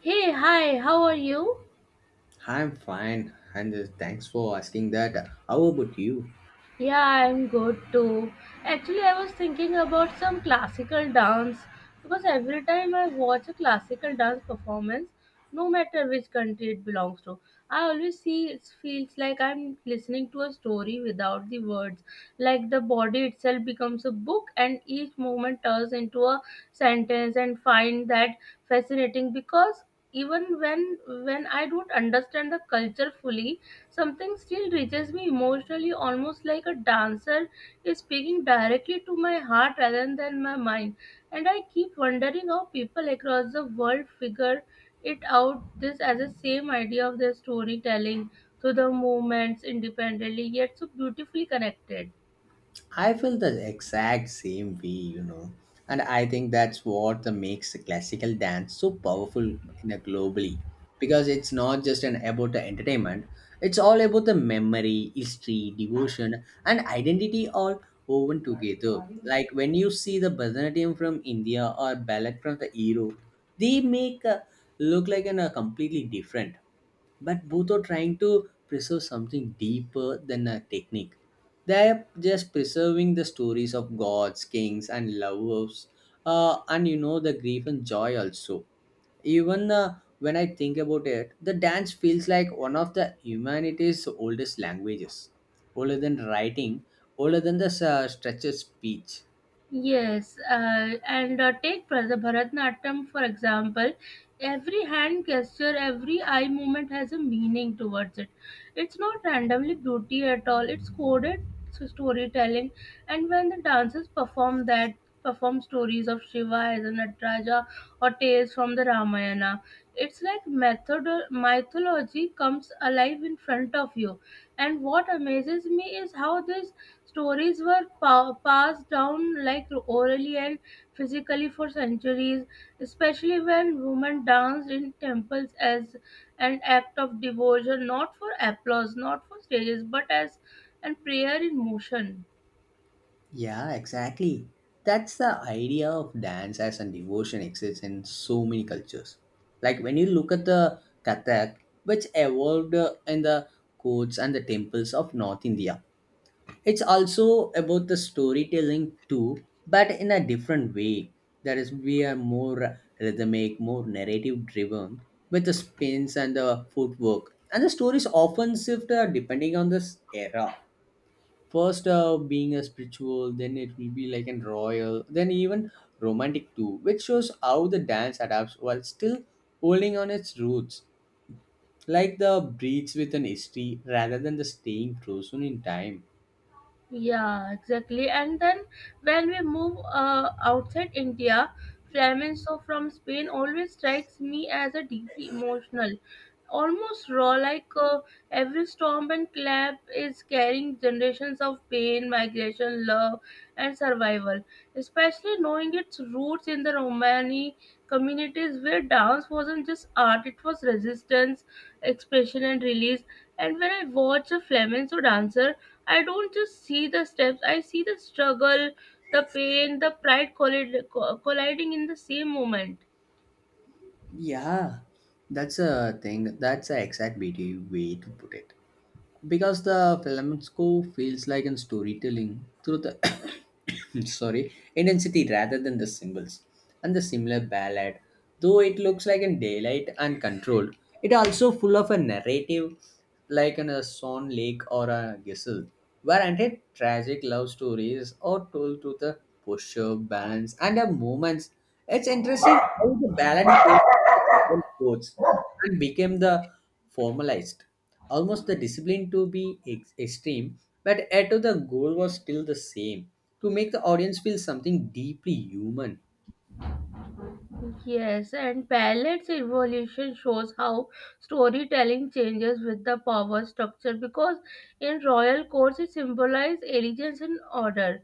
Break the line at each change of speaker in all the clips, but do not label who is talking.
Hey, hi, how are you?
I'm fine, and thanks for asking that. How about you?
Yeah, I'm good too. Actually, I was thinking about some classical dance because every time I watch a classical dance performance, no matter which country it belongs to, I always see it feels like I'm listening to a story without the words. Like the body itself becomes a book and each movement turns into a sentence and find that fascinating because even when I don't understand the culture fully, something still reaches me emotionally, almost like a dancer is speaking directly to my heart rather than my mind. And I keep wondering how people across the world figure it out this as a same idea of their storytelling through the movements independently yet so beautifully connected.
I feel the exact same way, and I think that's what the makes classical dance so powerful in a globally, because it's not just an about the entertainment; it's all about the memory, history, devotion, and identity all woven together. Like when you see the Bharatanatyam from India or ballet from the Europe, they make look like an, a completely different but both are trying to preserve something deeper than a technique. They are just preserving the stories of gods, kings, and lovers, and the grief and joy also. Even when I think about it, the dance feels like one of the humanity's oldest languages, older than writing, older than the stretched speech.
Yes, and take pra- the Bharatanatyam for example. Every hand gesture, every eye movement has a meaning towards it. It's not randomly beauty at all. It's coded to storytelling, and when the dancers perform that, perform stories of Shiva as a Nataraja or tales from the Ramayana, it's like method mythology comes alive in front of you. And what amazes me is how this stories were passed down like orally and physically for centuries, especially when women danced in temples as an act of devotion, not for applause, not for stages, but as and prayer in motion.
Yeah, exactly. That's the idea of dance as a devotion exists in so many cultures. Like when you look at the Kathak, which evolved in the courts and the temples of North India, it's also about the storytelling too, but in a different way. That is, we are more rhythmic, more narrative driven with the spins and the footwork. And the stories often shift depending on this era first being a spiritual then it will be like an royal then even romantic too which shows how the dance adapts while still holding on its roots like the breeds with an history rather than the staying frozen in time.
Yeah, exactly. And then when we move outside India, flamenco from Spain always strikes me as a deeply emotional, almost raw. Like, every storm and clap is carrying generations of pain, migration, love, and survival. Especially knowing its roots in the Romani communities where dance wasn't just art; it was resistance, expression, and release. And when I watch a flamenco dancer, I don't just see the steps, I see the struggle, the pain, the pride colliding in the same moment.
Yeah, that's a thing. That's a exact beauty way to put it. Because the flamenco feels like in storytelling through the sorry intensity rather than the symbols and the similar ballad, though it looks like in daylight and controlled. It also full of a narrative like in a Swan Lake or a Gissel, where ended tragic love stories are told through the posture, balance, and the movements. It's interesting how the balance came from the formal codes and became the formalized. Almost the discipline to be extreme, but at the goal was still the same to make the audience feel something deeply human.
Yes, and ballet's evolution shows how storytelling changes with the power structure because in royal courts it symbolizes elegance and order,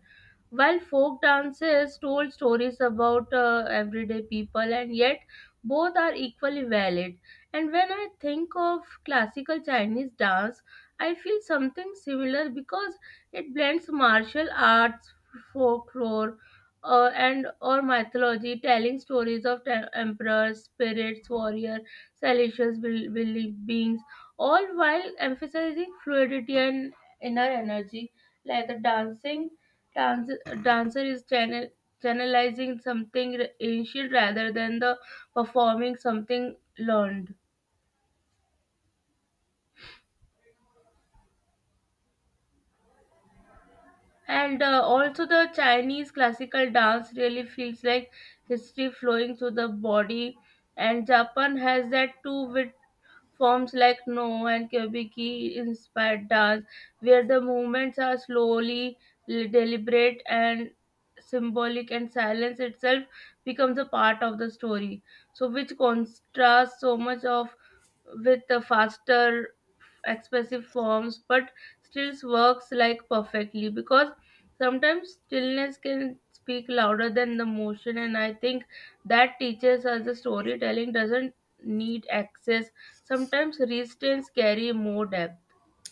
while folk dances told stories about everyday people, and yet both are equally valid. And when I think of classical Chinese dance, I feel something similar because it blends martial arts, folklore, and or mythology, telling stories of emperors, spirits, warrior, celestial beings, all while emphasizing fluidity and inner energy, like the dancer is channelizing something ancient rather than the performing something learned and also the chinese classical dance really feels like history flowing through the body and japan has that too with forms like No and Kyobiki inspired dance, where the movements are deliberate and symbolic, and silence itself becomes a part of the story. So, which contrasts so much of with the faster, expressive forms, but still works like perfectly because sometimes stillness can speak louder than the motion, and I think that teaches us the storytelling doesn't need access. Sometimes resistance carry more depth.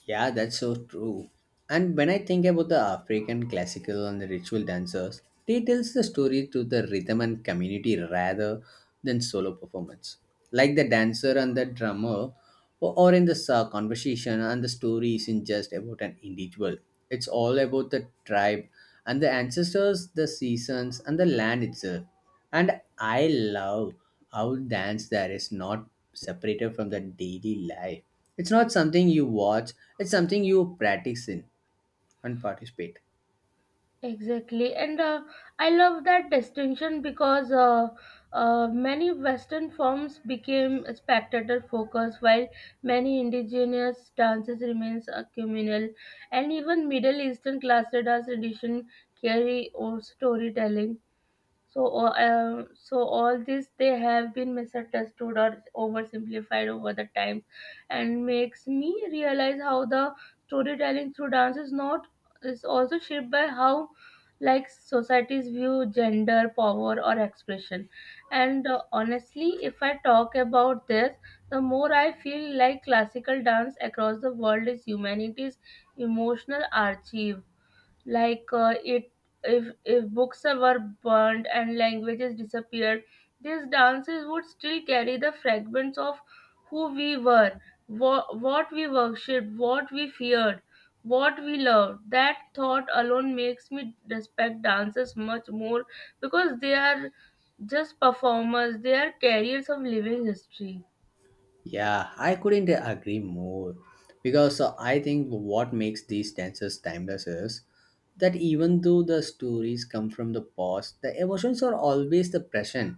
Yeah, that's so true. And when I think about the African classical and the ritual dancers, they tells the story through the rhythm and community rather than solo performance. Like the dancer and the drummer, or in the conversation and the story isn't just about an individual. It's all about the tribe and the ancestors, the seasons, and the land itself. And I love how dance there is not separated from the daily life. It's not something you watch, it's something you practice in and participate.
Exactly, and I love that distinction because many Western forms became spectator focused, while many indigenous dances remains communal, and even Middle Eastern classical dance tradition carry or storytelling. So all this they have been misunderstood or oversimplified over the times, and makes me realize how the storytelling through dance is not is also shaped by how like societies view gender, power, or expression. And honestly, if I talk about this, the more I feel like classical dance across the world is humanity's emotional archive like it if books were burned and languages disappeared, these dances would still carry the fragments of who we were, what we worshipped, what we feared, what we loved. That thought alone makes me respect dances much more because they are just performers, they are carriers of living history.
Yeah, I couldn't agree more. Because I think what makes these dances timeless is that even though the stories come from the past, the emotions are always the present.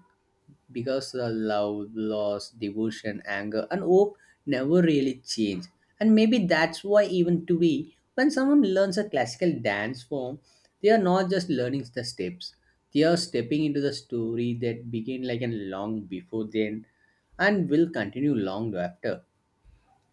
Because the love, loss, devotion, anger, and hope never really change. And maybe that's why, even today, when someone learns a classical dance form, they are not just learning the steps, they are stepping into the story that began like a long before then and will continue long after.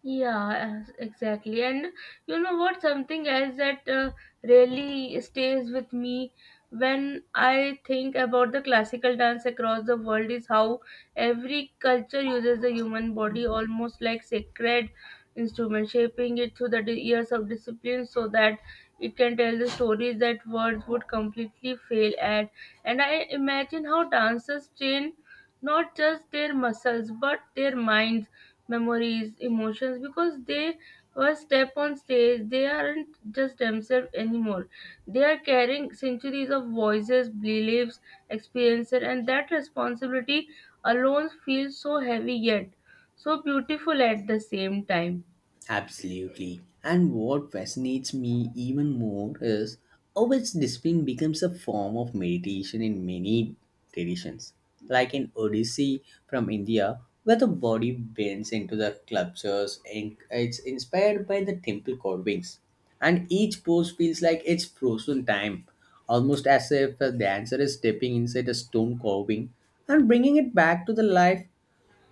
Yeah, exactly. And you know what? Something else that really stays with me when I think about the classical dance across the world is how every culture uses the human body almost like sacred instrument, shaping it through the years of discipline so that it can tell the stories that words would completely fail at. And I imagine how dancers train not just their muscles but their minds, memories, emotions because they were step on stage, they aren't just themselves anymore. They are carrying centuries of voices, beliefs, experiences, and that responsibility alone feels so heavy yet so beautiful at the same time.
Absolutely. And what fascinates me even more is how its discipline becomes a form of meditation in many traditions. Like in Odyssey from India, where the body bends into the sculptures and it's inspired by the temple carvings. And each pose feels like it's frozen time, almost as if the dancer is stepping inside a stone carving and bringing it back to the life.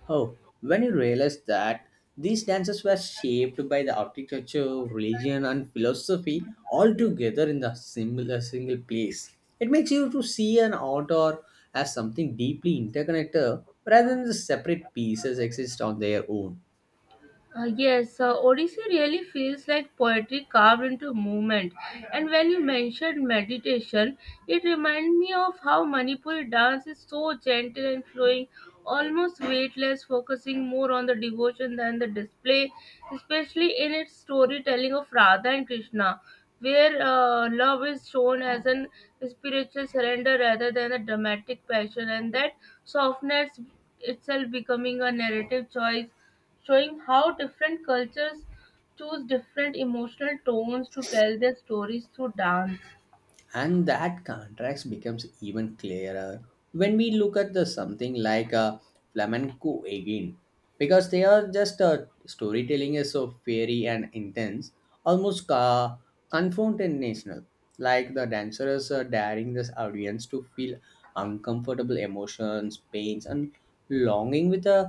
Oh, when you realize that these dances were shaped by the architecture, religion, and philosophy all together in the similar single place, it makes you to see an art or as something deeply interconnected rather than the separate pieces exist on their own.
Yes, Odyssey really feels like poetry carved into movement. And when you mentioned meditation, it reminded me of how Manipuri dance is so gentle and flowing, almost weightless, focusing more on the devotion than the display, especially in its storytelling of Radha and Krishna, where love is shown as an spiritual surrender rather than a dramatic passion, and that softness itself becoming a narrative choice showing how different cultures choose different emotional tones to tell their stories through dance.
And that contrast becomes even clearer when we look at the something like flamenco again because they are just storytelling is so fairy and intense almost confrontational like the dancers are daring this audience to feel uncomfortable emotions pains and longing with a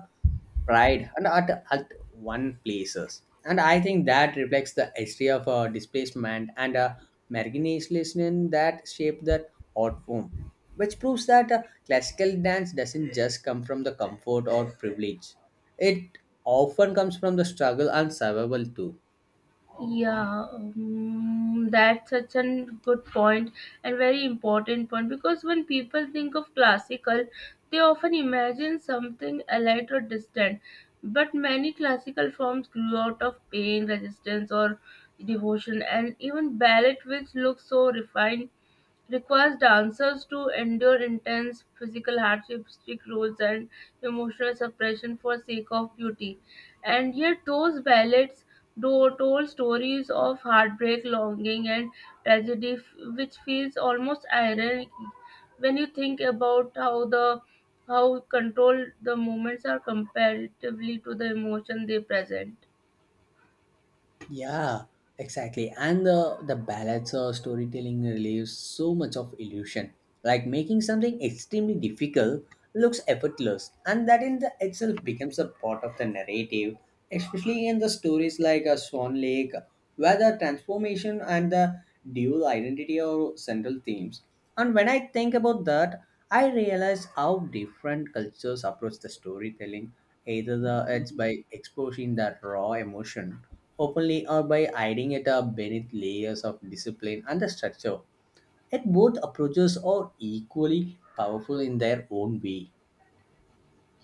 pride and at one places. And I think that reflects the history of displacement and marginalization that shaped that art form, which proves that classical dance doesn't just come from the comfort or privilege. It often comes from the struggle and survival too.
Yeah, that's such a good point and very important point because when people think of classical, they often imagine something allied or distant. But many classical forms grew out of pain, resistance, or devotion, and even ballet, which looks so refined, requires dancers to endure intense physical hardship, strict rules, and emotional suppression for sake of beauty. And yet, those ballads do told stories of heartbreak, longing, and tragedy, which feels almost ironic when you think about how the how controlled the moments are comparatively to the emotion they present.
Yeah, exactly. And the ballads or storytelling relieves so much of illusion. Like making something extremely difficult looks effortless, and that in the itself becomes a part of the narrative, especially in the stories like a Swan Lake, where the transformation and the dual identity are central themes. And when I think about that, I realize how different cultures approach the storytelling, either the, it's by exposing that raw emotion openly or by hiding it up beneath layers of discipline and the structure. Yet both approaches are equally powerful in their own way.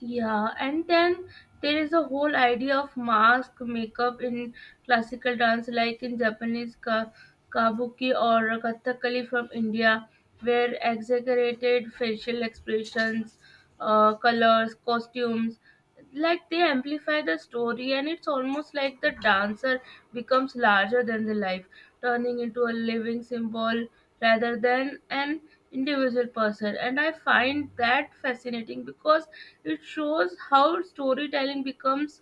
Yeah, and then there is a whole idea of mask makeup in classical dance, like in Japanese kabuki or kathakali from India, where exaggerated facial expressions, colors, costumes like they amplify the story and it's almost like the dancer becomes larger than the life turning into a living symbol rather than an individual person and I find that fascinating because it shows how storytelling becomes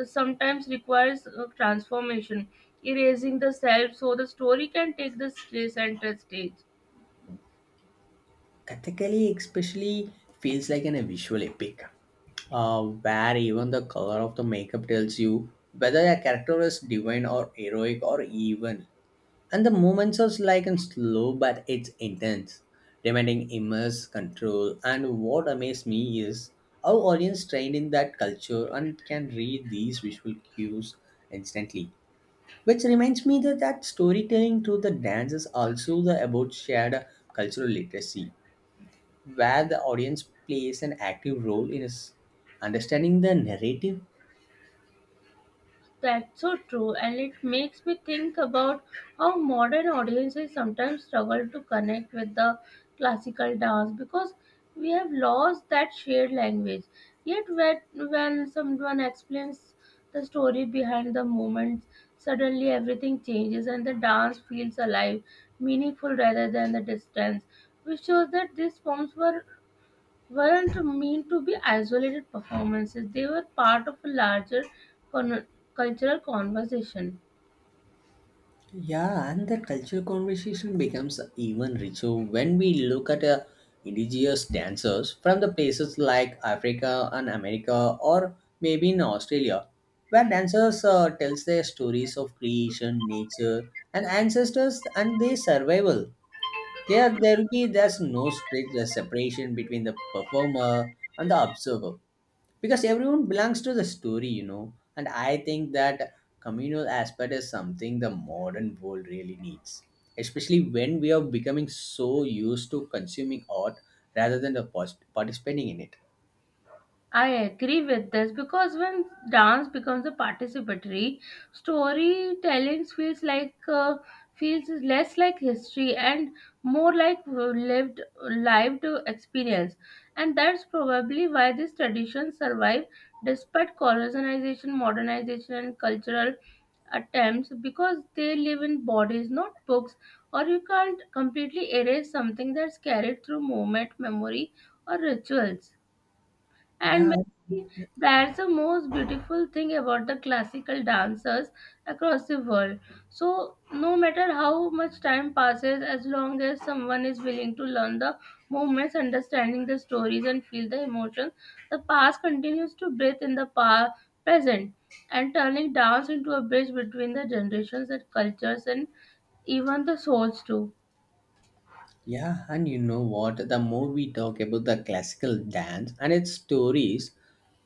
sometimes requires transformation erasing the self so the story can take the center stage.
Kathakali especially feels like an, a visual epic, where even the color of the makeup tells you whether a character is divine or heroic or evil. And the movements are like and slow, but it's intense, demanding immense control. And what amazed me is how audience trained in that culture and can read these visual cues instantly. Which reminds me that storytelling through the dance is also the about shared cultural literacy, where the audience plays an active role in us understanding the narrative.
That's so true, and it makes me think about how modern audiences sometimes struggle to connect with the classical dance because we have lost that shared language. Yet, when someone explains the story behind the movements, suddenly everything changes and the dance feels alive, meaningful rather than the distance, which shows that these forms were weren't meant to be isolated performances, they were part of a larger con- cultural conversation.
Yeah, and that cultural conversation becomes even richer when we look at indigenous dancers from the places like Africa and America, or maybe in Australia, where dancers tells their stories of creation, nature, and ancestors and their survival. There will be there's no strict separation between the performer and the observer because everyone belongs to the story, you know. And I think that communal aspect is something the modern world really needs, especially when we are becoming so used to consuming art rather than the participating in it.
I agree with this because when dance becomes a participatory, storytelling feels like feels less like history and more like lived experience, and that's probably why these traditions survive despite colonization, modernization, and cultural attempts because they live in bodies, not books. Or you can't completely erase something that's carried through movement, memory, or rituals.
Yeah.
And maybe that's the most beautiful thing about the classical dancers across the world. So, no matter how much time passes, as long as someone is willing to learn the movements, understanding the stories, and feel the emotions, the past continues to breathe in the past, present, and turning dance into a bridge between the generations and cultures and even the souls too.
Yeah, and you know what? The more we talk about the classical dance and its stories,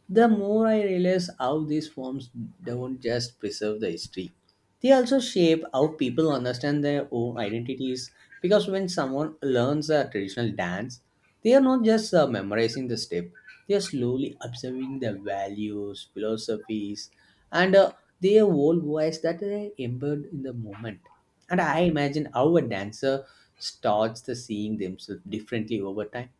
the more I realize how these forms don't just preserve the history. They also shape how people understand their own identities because when someone learns a traditional dance, they are not just memorizing the step, they are slowly observing the values, philosophies, and their whole voice that they embed in the moment. And I imagine how a dancer starts the seeing themselves differently over time.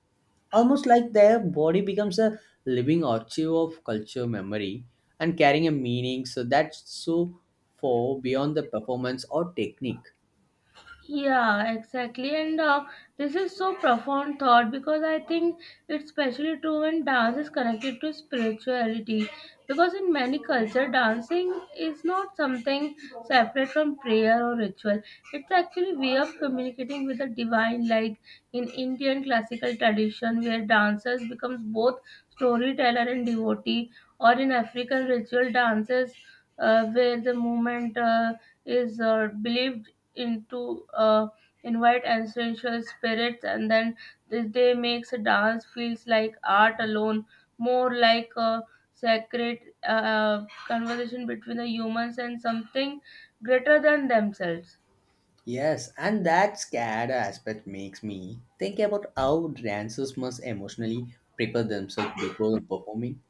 Almost like their body becomes a living archive of culture memory and carrying a meaning so that's so far beyond the performance or technique.
Yeah, exactly. And this is so profound thought because I think it's especially true when dance is connected to spirituality. Because in many cultures, dancing is not something separate from prayer or ritual. It's actually a way of communicating with the divine, like in Indian classical tradition, where dancers becomes both storyteller and devotee, or in African ritual dances where the movement is believed into invite ancestral spirits and then this day makes a dance feels like art alone more like a sacred conversation between the humans and something greater than themselves.
Yes, and that scared aspect makes me think about how dancers must emotionally prepare themselves before performing.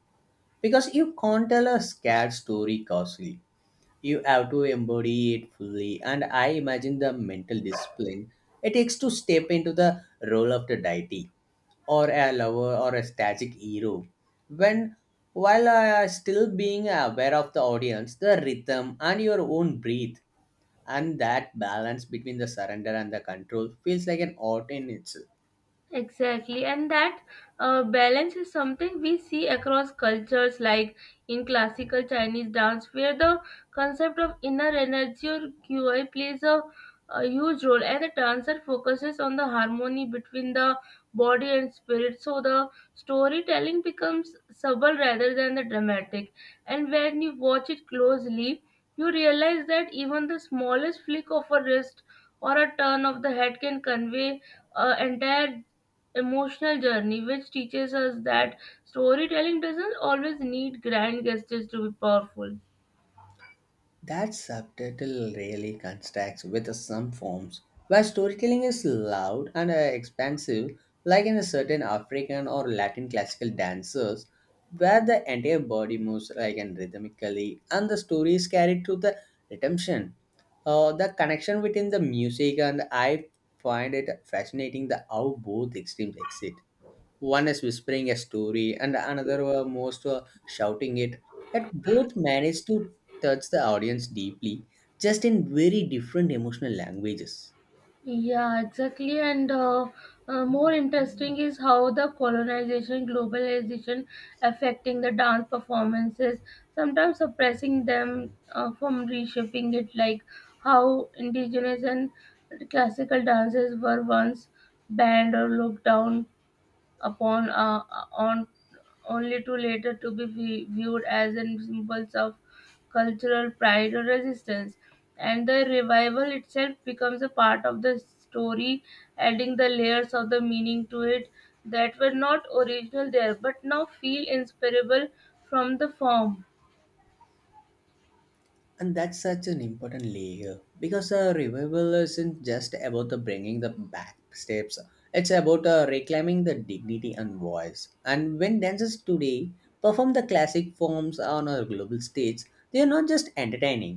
Because you can't tell a scared story casually. You have to embody it fully, and I imagine the mental discipline it takes to step into the role of the deity or a lover or a static hero. When while still being aware of the audience, the rhythm, and your own breath, and that balance between the surrender and the control feels like an art in itself.
Exactly, and that balance is something we see across cultures, like in classical Chinese dance, where the concept of inner energy or qi plays a huge role, and the dancer focuses on the harmony between the body and spirit. So the storytelling becomes subtle rather than the dramatic, and when you watch it closely, you realize that even the smallest flick of a wrist or a turn of the head can convey entire emotional journey, which teaches us that storytelling doesn't always need grand gestures to be powerful.
That subtitle really contrasts with some forms where storytelling is loud and expansive, like in a certain African or Latin classical dances, where the entire body moves like and rhythmically, and the story is carried through the redemption. The connection between the music and I find it fascinating the how both extremes exist one is whispering a story and another were most shouting it yet both managed to touch the audience deeply just in very different emotional languages.
Yeah, exactly. And more interesting is how the colonization, globalization affecting the dance performances, sometimes suppressing them from reshaping it, like how indigenous and classical dances were once banned or looked down upon on only to later to be viewed as an symbols of cultural pride or resistance and the revival itself becomes a part of the story adding the layers of the meaning to it that were not original there but now feel inseparable from the form.
And that's such an important layer because a revival isn't just about the bringing the back steps it's about reclaiming the dignity and voice and when dancers today perform the classic forms on a global stage they are not just entertaining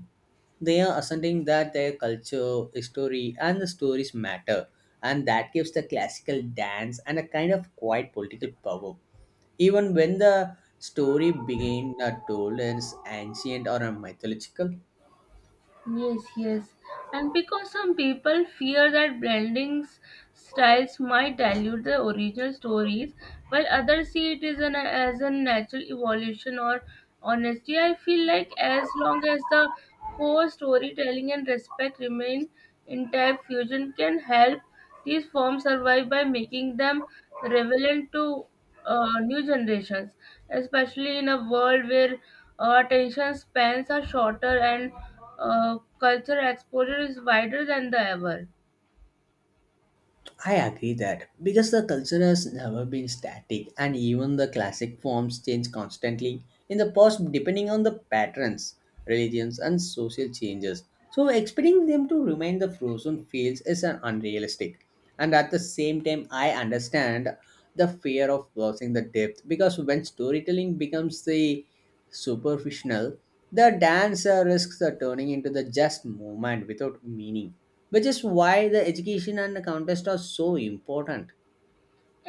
they are asserting that their culture, history, and the stories matter, and that gives the classical dance and a kind of quiet political power. Even when the story being told is ancient or mythological,
Yes, yes. And because some people fear that blending styles might dilute the original stories, while others see it as as a natural evolution or honesty, I feel like as long as the core storytelling and respect remain intact, fusion can help these forms survive by making them relevant to new generations, especially in a world where attention spans are shorter and culture exposure is wider than the ever.
I agree that because the culture has never been static and even the classic forms change constantly in the past depending on the patterns, religions and social changes. So expecting them to remain the frozen fields is an unrealistic. And at the same time I understand the fear of losing the depth because when storytelling becomes the superficial, the dance risks turning into the just movement without meaning, which is why the education and the contest are so important.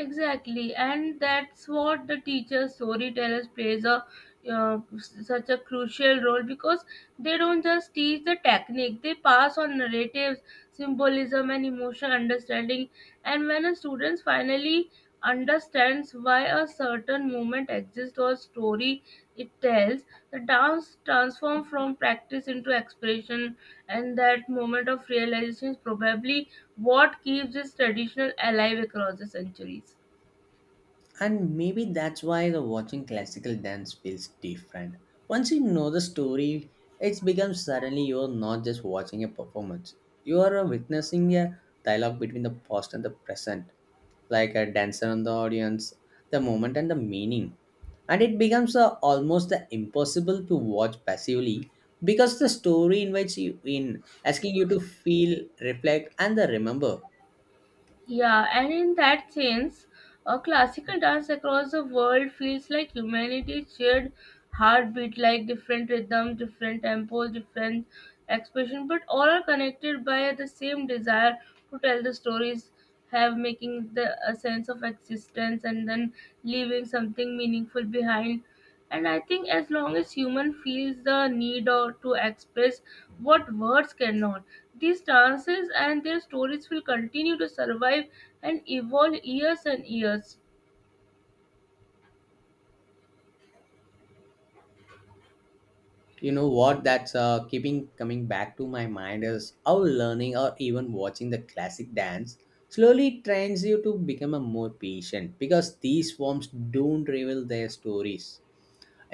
Exactly, and that's what the teacher storytellers plays a such a crucial role because they don't just teach the technique; they pass on narratives, symbolism, and emotional understanding. And when a students finally understands why a certain movement exists or story it tells. The dance transforms from practice into expression, and that moment of realization is probably what keeps this tradition alive across the centuries.
And maybe that's why the watching classical dance feels different. Once you know the story, it becomes suddenly you're not just watching a performance. You are witnessing a dialogue between the past and the present, like a dancer and the audience, the moment and the meaning. And it becomes almost impossible to watch passively because the story invites you in, asking you to feel, reflect, and the remember.
Yeah, and in that sense, a classical dance across the world feels like humanity's shared heartbeat, like different rhythms, different tempos, different expression, but all are connected by the same desire to tell the stories, have making the a sense of existence, and then leaving something meaningful behind. And I think as long as human feels the need or to express what words cannot, these dances and their stories will continue to survive and evolve years and years.
You know what that's keeping coming back to my mind is how learning or even watching the classic dance slowly trains you to become a more patient because these forms don't reveal their stories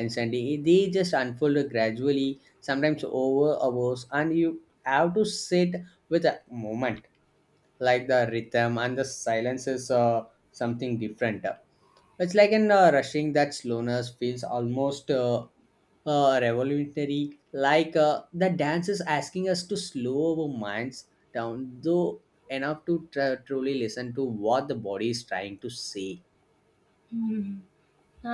instantly they just unfold gradually sometimes over hours and you have to sit with a moment like the rhythm and the silence is something different it's like in rushing that slowness feels almost revolutionary, like the dance is asking us to slow our minds down, though enough to truly listen to what the body is trying to say.
Hmm.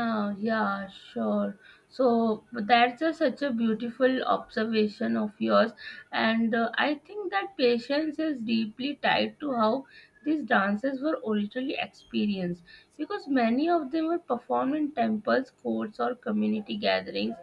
Ah, yeah, sure. So that's a, such a beautiful observation of yours, and I think that patience is deeply tied to how these dances were originally experienced because many of them were performed in temples, courts, or community gatherings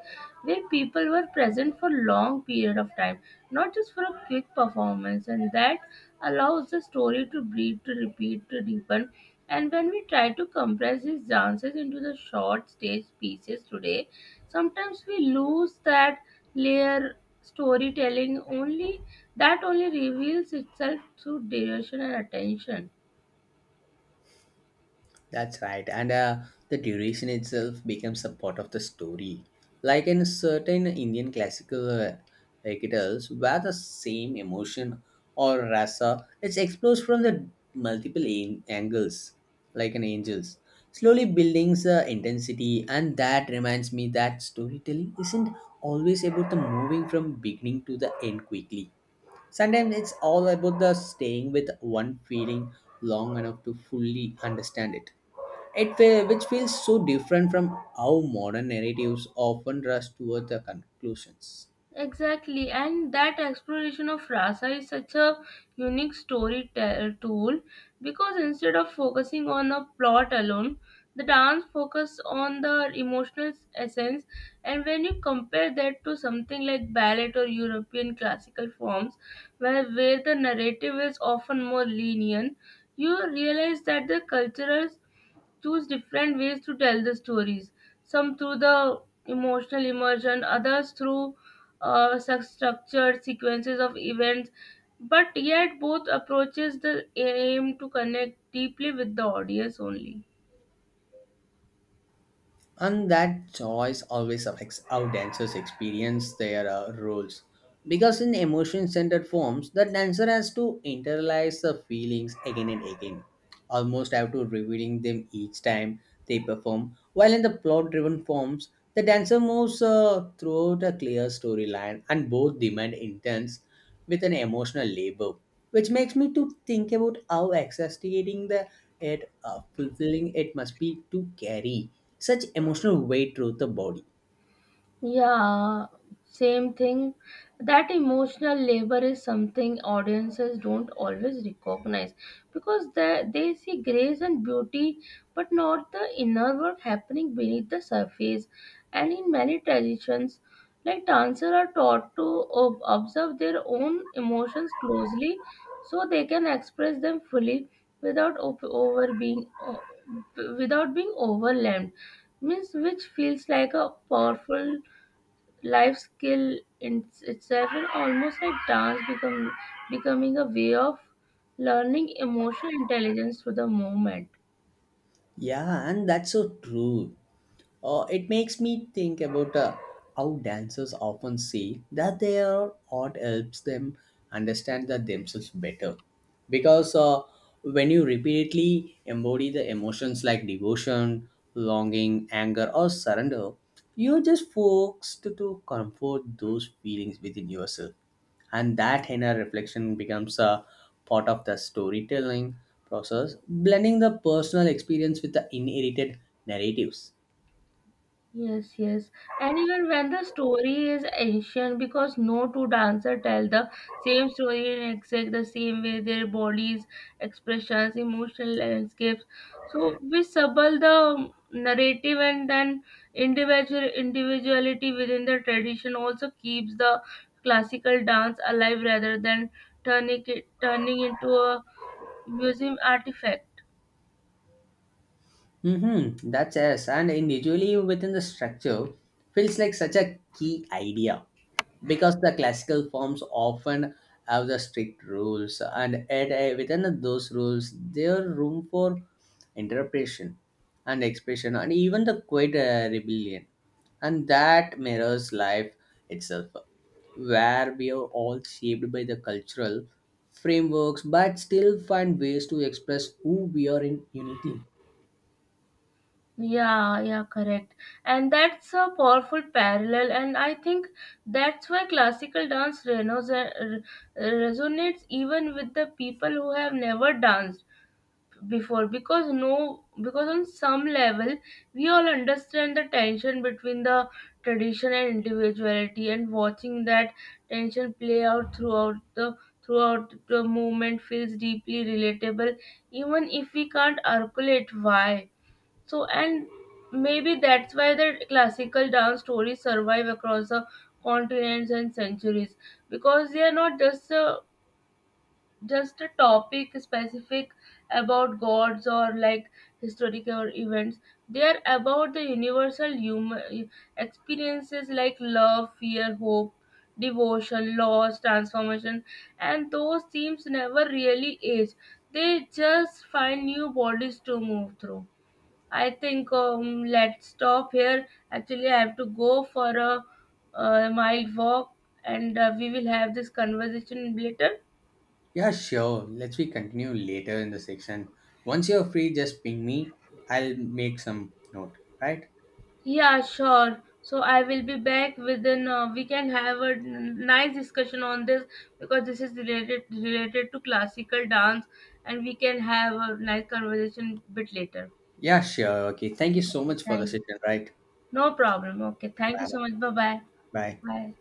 where people were present for long period of time, not just for a quick performance, and that allows the story to breathe, to repeat, to deepen. And when we try to compress these dances into the short stage pieces today, sometimes we lose that layer storytelling only that only reveals itself through duration and attention.
That's right. And the duration itself becomes a part of the story. Like in certain Indian classical recitals, where the same emotion or rasa is exposed from the multiple angles, like an angel's, slowly building the intensity. And that reminds me that storytelling isn't always about the moving from beginning to the end quickly. Sometimes it's all about the staying with one feeling long enough to fully understand it. Which feels so different from how modern narratives often rush toward the conclusions.
Exactly, and that exploration of rasa is such a unique tool because instead of focusing on a plot alone, the dance focuses on the emotional essence. And when you compare that to something like ballet or European classical forms, where the narrative is often more lenient, you realize that the cultural choose different ways to tell the stories. Some through the emotional immersion, others through such structured sequences of events. But yet, both approaches the aim to connect deeply with the audience only.
And that choice always affects how dancers experience their roles. Because in emotion centered forms, the dancer has to internalize the feelings again and again, almost have to revealing them each time they perform. While in the plot driven forms, the dancer moves throughout a clear storyline and both demand intense with an emotional labor, which makes me to think about how exasperating the it fulfilling it must be to carry such emotional weight through the body.
Yeah, same thing. That emotional labor is something audiences don't always recognize because they see grace and beauty, but not the inner work happening beneath the surface. And in many traditions, like dancers are taught to observe their own emotions closely so they can express them fully without op- over being o- without being overwhelmed means which feels like a powerful life skill in itself and almost like dance become becoming a way of learning emotional intelligence through the movement.
Yeah, and that's so true. It makes me think about how dancers often say that their art helps them understand that themselves better. Because when you repeatedly embody the emotions like devotion, longing, anger, or surrender, you're just forced to comfort those feelings within yourself and that inner reflection becomes a part of the storytelling process blending the personal experience with the inherited narratives.
Yes, yes. And even when the story is ancient, because no two dancers tell the same story in exact the same way, their bodies, expressions, emotional landscapes. So we subtle the narrative and then individuality within the tradition also keeps the classical dance alive rather than turning into a museum artifact.
Mm-hmm. That's yes, and individually within the structure feels like such a key idea because the classical forms often have the strict rules, and at a, within those rules, there are room for interpretation and expression, and even the quiet rebellion, and that mirrors life itself, where we are all shaped by the cultural frameworks, but still find ways to express who we are in uniquely.
Yeah, yeah, correct. And that's a powerful parallel, and I think that's why classical dance resonates even with the people who have never danced before because no because on some level we all understand the tension between the tradition and individuality and watching that tension play out throughout the movement feels deeply relatable even if we can't articulate why so, and maybe that's why the classical dance stories survive across the continents and centuries because they are not just a topic specific about gods or like historical events. They are about the universal human experiences like love, fear, hope, devotion, loss, transformation, and those themes never really age. They just find new bodies to move through. I think let's stop here. Actually, I have to go for a mile walk, and we will have this conversation later.
Yeah, sure. Let's we continue later in the section. Once you're free, just ping me. I'll make some note, right?
Yeah, sure. So I will be back within. We can have a nice discussion on this because this is related to classical dance, and we can have a nice conversation bit later.
Yeah, sure. Okay. Thank
So,
you so
okay,
much for the
thank you.
session, right?
No problem. Okay, thank you
Bye.
so much. Bye bye.
Bye.
Bye.